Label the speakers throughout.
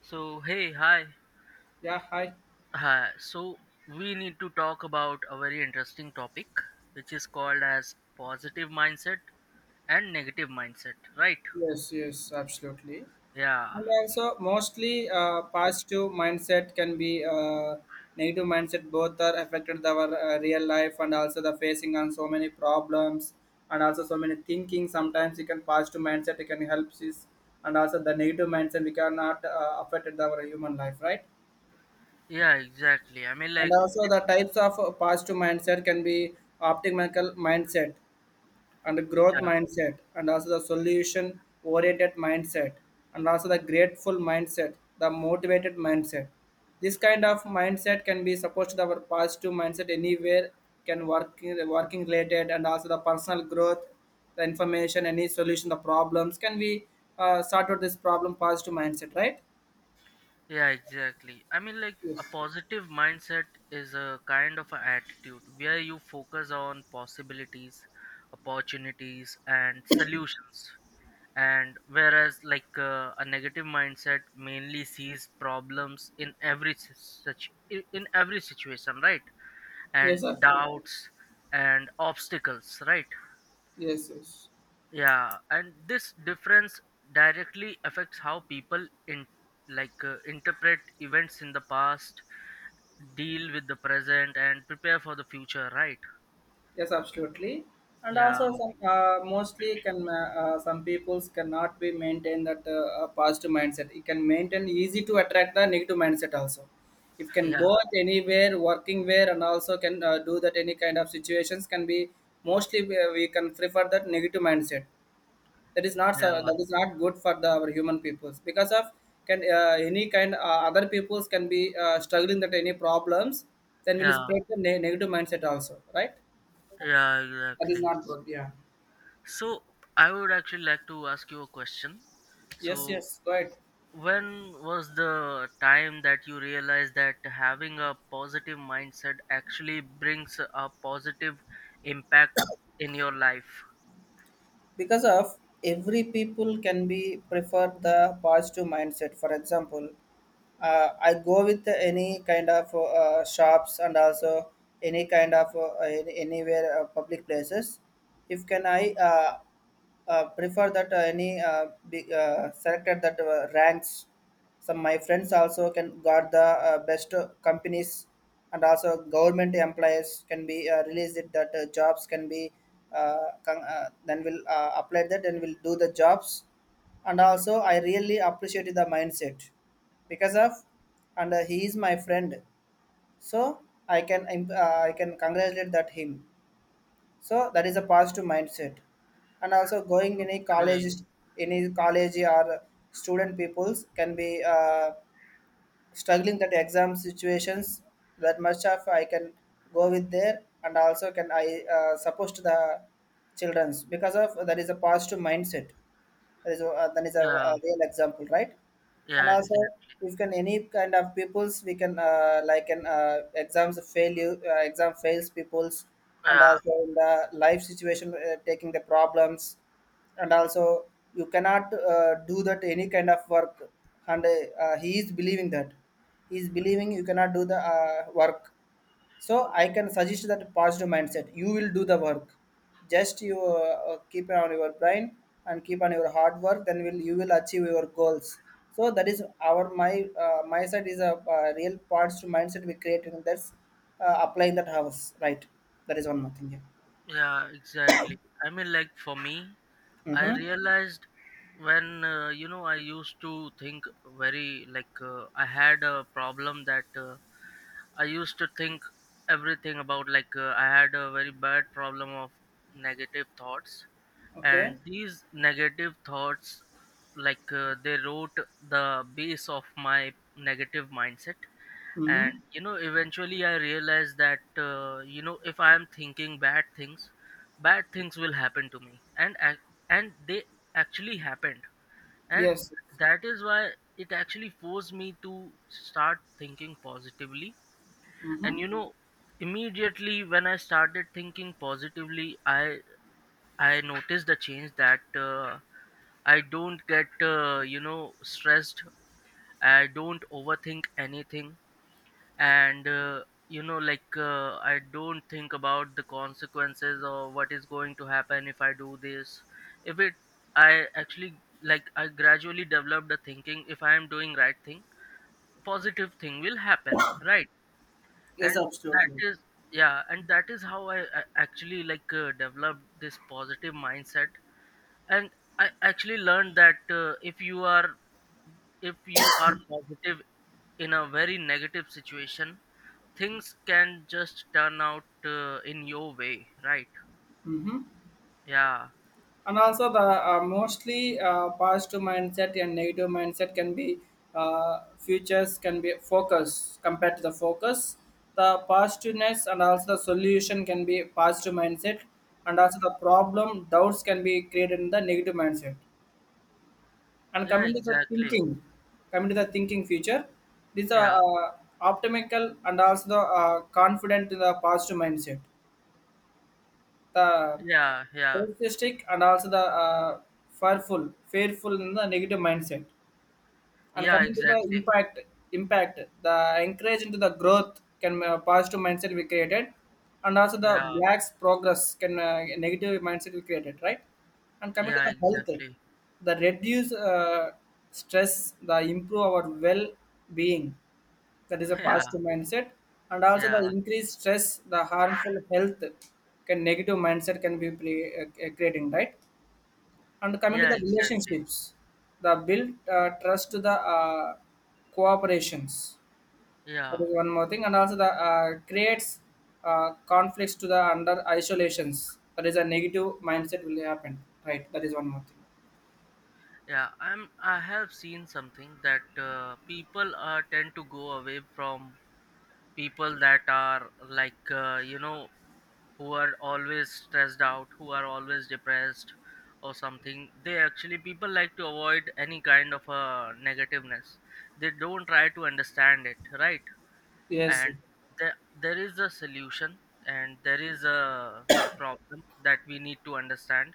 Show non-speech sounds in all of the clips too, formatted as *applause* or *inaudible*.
Speaker 1: So, hey, hi.
Speaker 2: Yeah, hi.
Speaker 1: Hi. So, we need to talk about a very interesting topic which is called as positive mindset and negative mindset, right?
Speaker 2: Yes, yes, absolutely.
Speaker 1: Yeah.
Speaker 2: And also, mostly positive mindset can be negative mindset. Both are affected our real life and also the facing on so many problems and also so many thinking. Sometimes you can positive mindset it can help us, and also the negative mindset we cannot affect our human life, right?
Speaker 1: Yeah, exactly. I mean
Speaker 2: And
Speaker 1: like
Speaker 2: also the types of positive mindset can be optimal mindset and the growth
Speaker 1: yeah,
Speaker 2: mindset and also the solution oriented mindset and also the grateful mindset, the motivated mindset. This kind of mindset can be supposed to our positive mindset anywhere, can work, working related, and also the personal growth, the information, any solution, the problems can we sort out this problem positive mindset, right?
Speaker 1: yeah, exactly. I mean like a
Speaker 2: Yes.
Speaker 1: positive mindset is a kind of a attitude where you focus on possibilities, opportunities and solutions, and whereas like a negative mindset mainly sees problems in every s- such in every situation, right? And
Speaker 2: Yes, absolutely.
Speaker 1: doubts and obstacles, right?
Speaker 2: Yes, yes.
Speaker 1: Yeah, and this difference directly affects how people in like interpret events in the past, deal with the present and prepare for the future, right?
Speaker 2: Yes, absolutely. And
Speaker 1: Yeah.
Speaker 2: also, some mostly can some peoples cannot be maintain that positive mindset. It can maintain easy to attract the negative mindset also. If can
Speaker 1: Yeah.
Speaker 2: go at anywhere, working where, and also can do that any kind of situations can be mostly we can prefer that negative mindset. That is not
Speaker 1: Yeah.
Speaker 2: that is not good for the our human peoples, because of can any kind other peoples can be struggling that any problems. Then will
Speaker 1: Yeah.
Speaker 2: spread the negative mindset also, right?
Speaker 1: Yeah,
Speaker 2: That is
Speaker 1: exactly.
Speaker 2: not good. Yeah.
Speaker 1: So I would actually like to ask you a question.
Speaker 2: Yes,
Speaker 1: So
Speaker 2: yes, go ahead.
Speaker 1: when was the time that you realized that having a positive mindset actually brings a positive impact in your life?
Speaker 2: Because of every people can be prefer the positive mindset. For example, I go with any kind of shops and also any kind of uh, anywhere public places. If can I prefer that any big, selected that ranks, some my friends also can got the best companies, and also government employees can be released it that jobs can be then will apply that and will do the jobs. And also I really appreciated the mindset because of, and he is my friend, so I can I can congratulate that him. So that is a positive mindset. And also going in a college,
Speaker 1: Okay.
Speaker 2: any college or student peoples can be struggling that exam situations. That much of I can go with there and also can I support the childrens, because of that is a positive mindset. That is
Speaker 1: Yeah.
Speaker 2: a real example, right? And
Speaker 1: Yeah. Exactly.
Speaker 2: also, if can any kind of peoples, we can like an exams fail you, exam fails peoples, and
Speaker 1: Yeah.
Speaker 2: also in the life situation, taking the problems, and also you cannot do that any kind of work, and he is believing that he is believing you cannot do the work. So I can suggest that positive mindset. You will do the work. Just you keep on your brain and keep on your hard work. Then will you will achieve your goals. So that is our my my side is a real positive mindset we create in this applying that house, right? That is one more thing. Yeah.
Speaker 1: Yeah. Exactly. I mean, like for me, I
Speaker 2: Mm-hmm.
Speaker 1: realized when you know I used to think very like I had a problem that. I used to think everything about like I had a very bad problem of negative thoughts,
Speaker 2: Okay.
Speaker 1: and these negative thoughts, like they wrote the base of my negative mindset. And
Speaker 2: Mm-hmm.
Speaker 1: you know, eventually I realized that you know if I am thinking bad things will happen to me, and they actually happened, and
Speaker 2: Yes.
Speaker 1: that is why it actually forced me to start thinking positively.
Speaker 2: Mm-hmm.
Speaker 1: And you know, immediately when I started thinking positively, I noticed the change that I don't get you know stressed, I don't overthink anything, and you know like I don't think about the consequences or what is going to happen if I do this, if it I actually, like I gradually developed the thinking, if I am doing right thing, positive thing will happen, right?
Speaker 2: Yes,
Speaker 1: And that
Speaker 2: absolutely.
Speaker 1: is yeah and that is how I actually like developed this positive mindset, and I actually learned that if you are, if you are positive in a very negative situation, things can just turn out in your way, right? Yeah.
Speaker 2: And also the mostly positive mindset and negative mindset can be futures can be focus compared to the focus, the positiveness, and also the solution can be positive mindset, and also the problem doubts can be created in the negative mindset. And
Speaker 1: Yeah,
Speaker 2: coming to the
Speaker 1: exactly.
Speaker 2: thinking, future, these are
Speaker 1: Yeah.
Speaker 2: optimal and also the confident in the positive mindset, the
Speaker 1: Yeah. Yeah.
Speaker 2: pessimistic and also the fearful, fearful in the negative mindset. And
Speaker 1: Yeah,
Speaker 2: coming to the
Speaker 1: exactly.
Speaker 2: impact, the encourage into the growth can positive mindset we created, and also the
Speaker 1: Yeah,
Speaker 2: blacks progress can negative mindset we created, right? And coming to
Speaker 1: yeah,
Speaker 2: the health,
Speaker 1: exactly.
Speaker 2: the reduce stress, the improve our well being, that is
Speaker 1: *laughs*
Speaker 2: a
Speaker 1: Yeah.
Speaker 2: positive mindset. And also the
Speaker 1: Yeah.
Speaker 2: increased stress, the harmful health can negative mindset can be creating, right? And coming to
Speaker 1: Yeah,
Speaker 2: the
Speaker 1: exactly.
Speaker 2: relationships, the build trust to the cooperations. That
Speaker 1: Yeah.
Speaker 2: is one more thing. And also the creates conflicts to the under isolations. That is a negative mindset will happen, right? That is one more thing.
Speaker 1: Yeah, I have seen something that people tend to go away from people that are like you know, who are always stressed out, who are always depressed, or something. They actually people like to avoid any kind of negativeness. They don't try to understand it, right?
Speaker 2: Yes.
Speaker 1: And there is a solution, and there is a problem that we need to understand,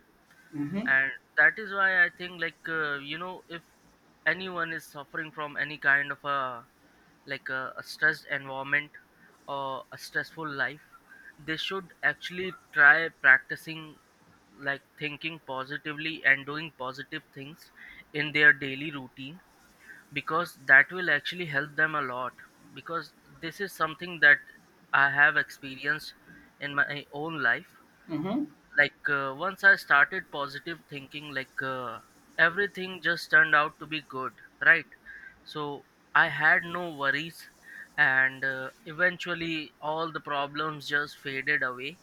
Speaker 2: Mm-hmm.
Speaker 1: and that is why I think like you know if anyone is suffering from any kind of a like a stressed environment or a stressful life, they should actually try practicing like thinking positively and doing positive things in their daily routine, because that will actually help them a lot, because this is something that I have experienced in my own life.
Speaker 2: Mm-hmm.
Speaker 1: Like once I started positive thinking, like everything just turned out to be good, right? So I had no worries, and eventually all the problems just faded away,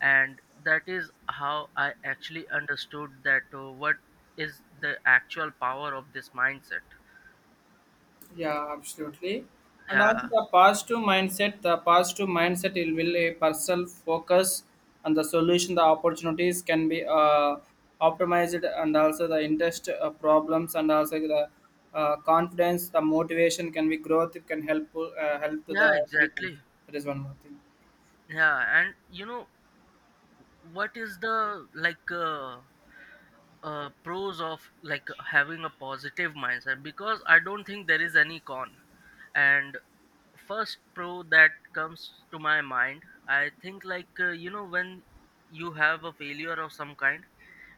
Speaker 1: and that is how I actually understood that what is the actual power of this mindset.
Speaker 2: Yeah, absolutely. And also
Speaker 1: Yeah.
Speaker 2: the positive mindset it will a person focus on the solution, the opportunities can be optimized, and also the interest problems, and also the confidence, the motivation can be growth, it can help help to the
Speaker 1: Yeah,
Speaker 2: people.
Speaker 1: exactly.
Speaker 2: That is one more thing.
Speaker 1: Yeah, and you know, what is the like pros of like having a positive mindset, because I don't think there is any con. And first pro that comes to my mind, I think like you know, when you have a failure of some kind,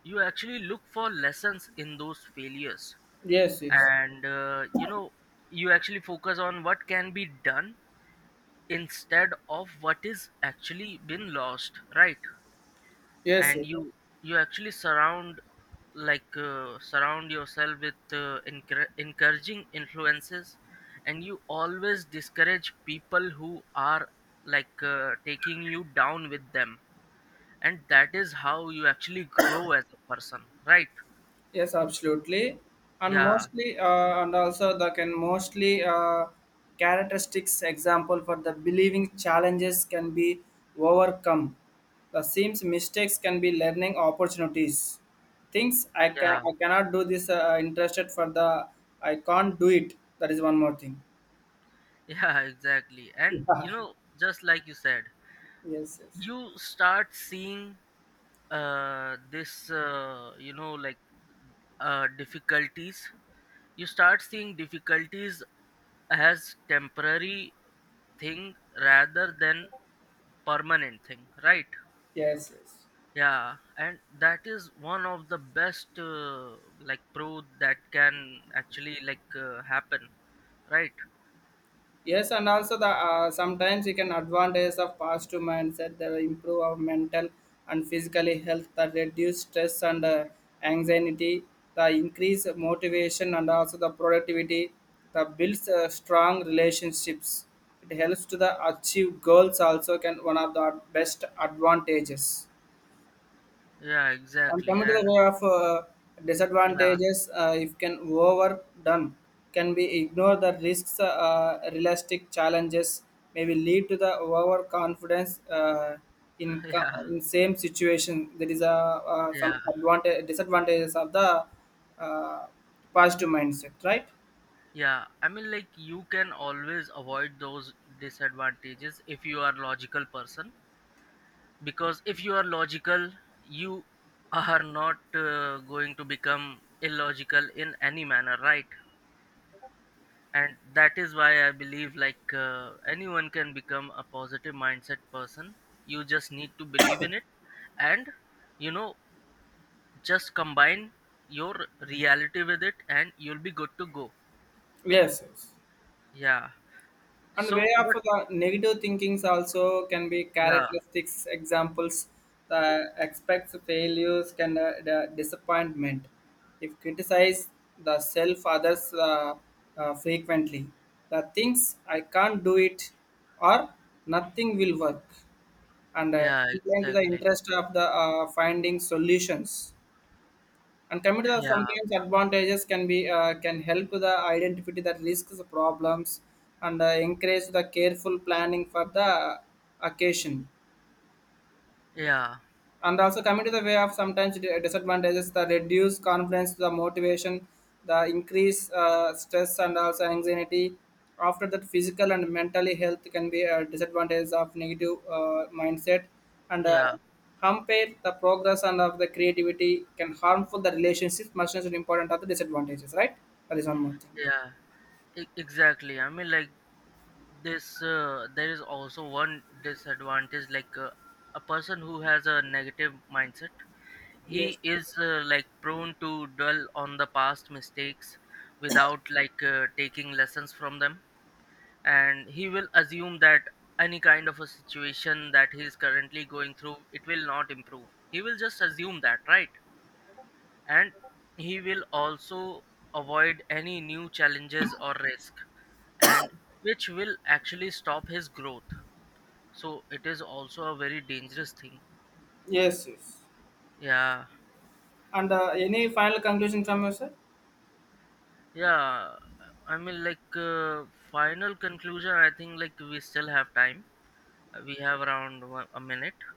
Speaker 1: you actually look for lessons in those failures,
Speaker 2: Yes, yes.
Speaker 1: and you know, you actually focus on what can be done instead of what is actually been lost, right?
Speaker 2: Yes,
Speaker 1: And you actually surround, like surround yourself with encouraging influences, and you always discourage people who are like taking you down with them, and that is how you actually grow as a person, right?
Speaker 2: yes, absolutely. And
Speaker 1: Yeah.
Speaker 2: mostly, and also the can mostly characteristics example for the believing challenges can be overcome. The seems mistakes can be learning opportunities. Things I can
Speaker 1: Yeah.
Speaker 2: I cannot do this interested for the I can't do it. That is one more thing.
Speaker 1: *laughs* Yeah, exactly. And you
Speaker 2: *laughs*
Speaker 1: know, just like you said,
Speaker 2: Yeah. Yes, yes,
Speaker 1: you start seeing this you know like difficulties. You start seeing difficulties as temporary thing rather than permanent thing, right?
Speaker 2: yes, yes.
Speaker 1: Yeah, and that is one of the best like pro that can actually like happen, right?
Speaker 2: Yes, and also the sometimes you can advantage of positive mindset that will improve our mental and physically health, that reduce stress and anxiety, the increase of motivation and also the productivity, that builds strong relationships. It helps to the achieve goals also can one of the best advantages.
Speaker 1: Yeah,
Speaker 2: And
Speaker 1: exactly.
Speaker 2: coming to the
Speaker 1: And
Speaker 2: way of
Speaker 1: yeah,
Speaker 2: disadvantages, if can overdone, can be ignore the risks. Realistic challenges maybe lead to the overconfidence uh, in
Speaker 1: *laughs*
Speaker 2: co-
Speaker 1: yeah,
Speaker 2: in same situation. There is a
Speaker 1: yeah,
Speaker 2: some advantage disadvantages of the uh, positive mindset, right?
Speaker 1: yeah. I mean, like you can always avoid those disadvantages if you are logical person, because if you are logical, you are not going to become illogical in any manner, right? And that is why I believe like anyone can become a positive mindset person, you just need to believe in it, and you know, just combine your reality with it and you'll be good to go.
Speaker 2: Yes, yes.
Speaker 1: Yeah.
Speaker 2: And way
Speaker 1: So
Speaker 2: of
Speaker 1: what?
Speaker 2: the negative thinkings also can be
Speaker 1: Yeah.
Speaker 2: characteristics examples, the expects failures can the disappointment, if criticize the self others frequently, the things I can't do it or nothing will work, and
Speaker 1: Yeah,
Speaker 2: complain to the
Speaker 1: exactly.
Speaker 2: interest of the finding solutions. And computer
Speaker 1: Yeah.
Speaker 2: sometimes advantages can be can help the identify the risks, the problems, and encourage the careful planning for the occasion.
Speaker 1: Yeah.
Speaker 2: And also coming to the way of sometimes disadvantages, the reduce confidence, the motivation, the increase stress and also anxiety. After that physical and mentally health can be a disadvantage of negative mindset, and
Speaker 1: Yeah.
Speaker 2: hamper the progress and of the creativity, can harmful the relationships much as important are the disadvantages, right? That is one more thing.
Speaker 1: Yeah, exactly. I mean like, this there is also one disadvantage, like a person who has a negative mindset,
Speaker 2: Yeah. Yes,
Speaker 1: he is like prone to dwell on the past mistakes without like taking lessons from them, and he will assume that any kind of a situation that he is currently going through, it will not improve, he will just assume that, right? And he will also avoid any new challenges or risk, and which will actually stop his growth, so it is also a very dangerous thing.
Speaker 2: yes, yes.
Speaker 1: Yeah.
Speaker 2: And any final conclusion from you, sir?
Speaker 1: Yeah, I mean like final conclusion, I think like we still have time, we have around a minute,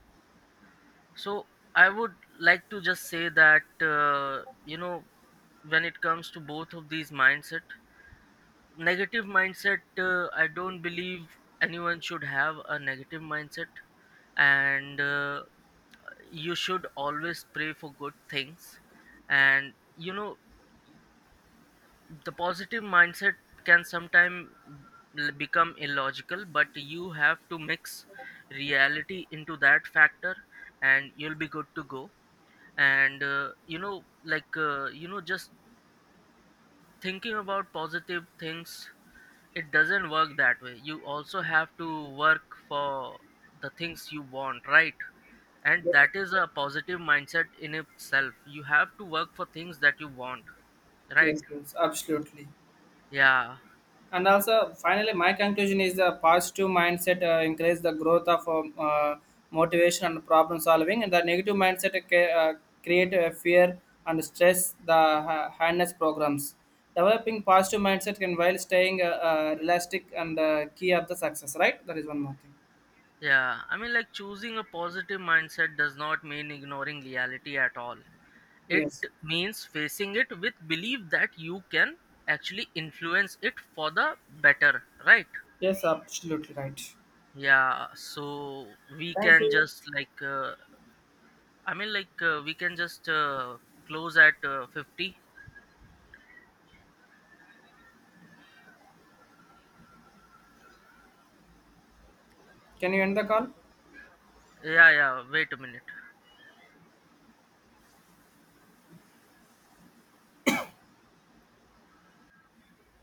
Speaker 1: so I would like to just say that you know, when it comes to both of these mindset, negative mindset, I don't believe anyone should have a negative mindset, and you should always pray for good things, and you know, the positive mindset can sometimes become illogical, but you have to mix reality into that factor and you'll be good to go. And you know like you know, just thinking about positive things, it doesn't work that way, you also have to work for the things you want, right? And that is a positive mindset in itself, you have to work for things that you want, right?
Speaker 2: Yes, yes, absolutely.
Speaker 1: Yeah.
Speaker 2: And also finally my conclusion is the positive mindset encourages the growth of motivation and problem solving, and the negative mindset create fear and stress, the harness programs. Developing positive mindset can while staying realistic and key of the success, right? That is one more thing.
Speaker 1: Yeah, I mean, like choosing a positive mindset does not mean ignoring reality at all. It
Speaker 2: Yes,
Speaker 1: means facing it with belief that you can actually influence it for the better, right?
Speaker 2: yes, absolutely right.
Speaker 1: Yeah, so we
Speaker 2: Thank
Speaker 1: can
Speaker 2: you.
Speaker 1: just like, I mean, like, we can just close at 50.
Speaker 2: Can you end the call?
Speaker 1: Yeah, yeah, wait a minute.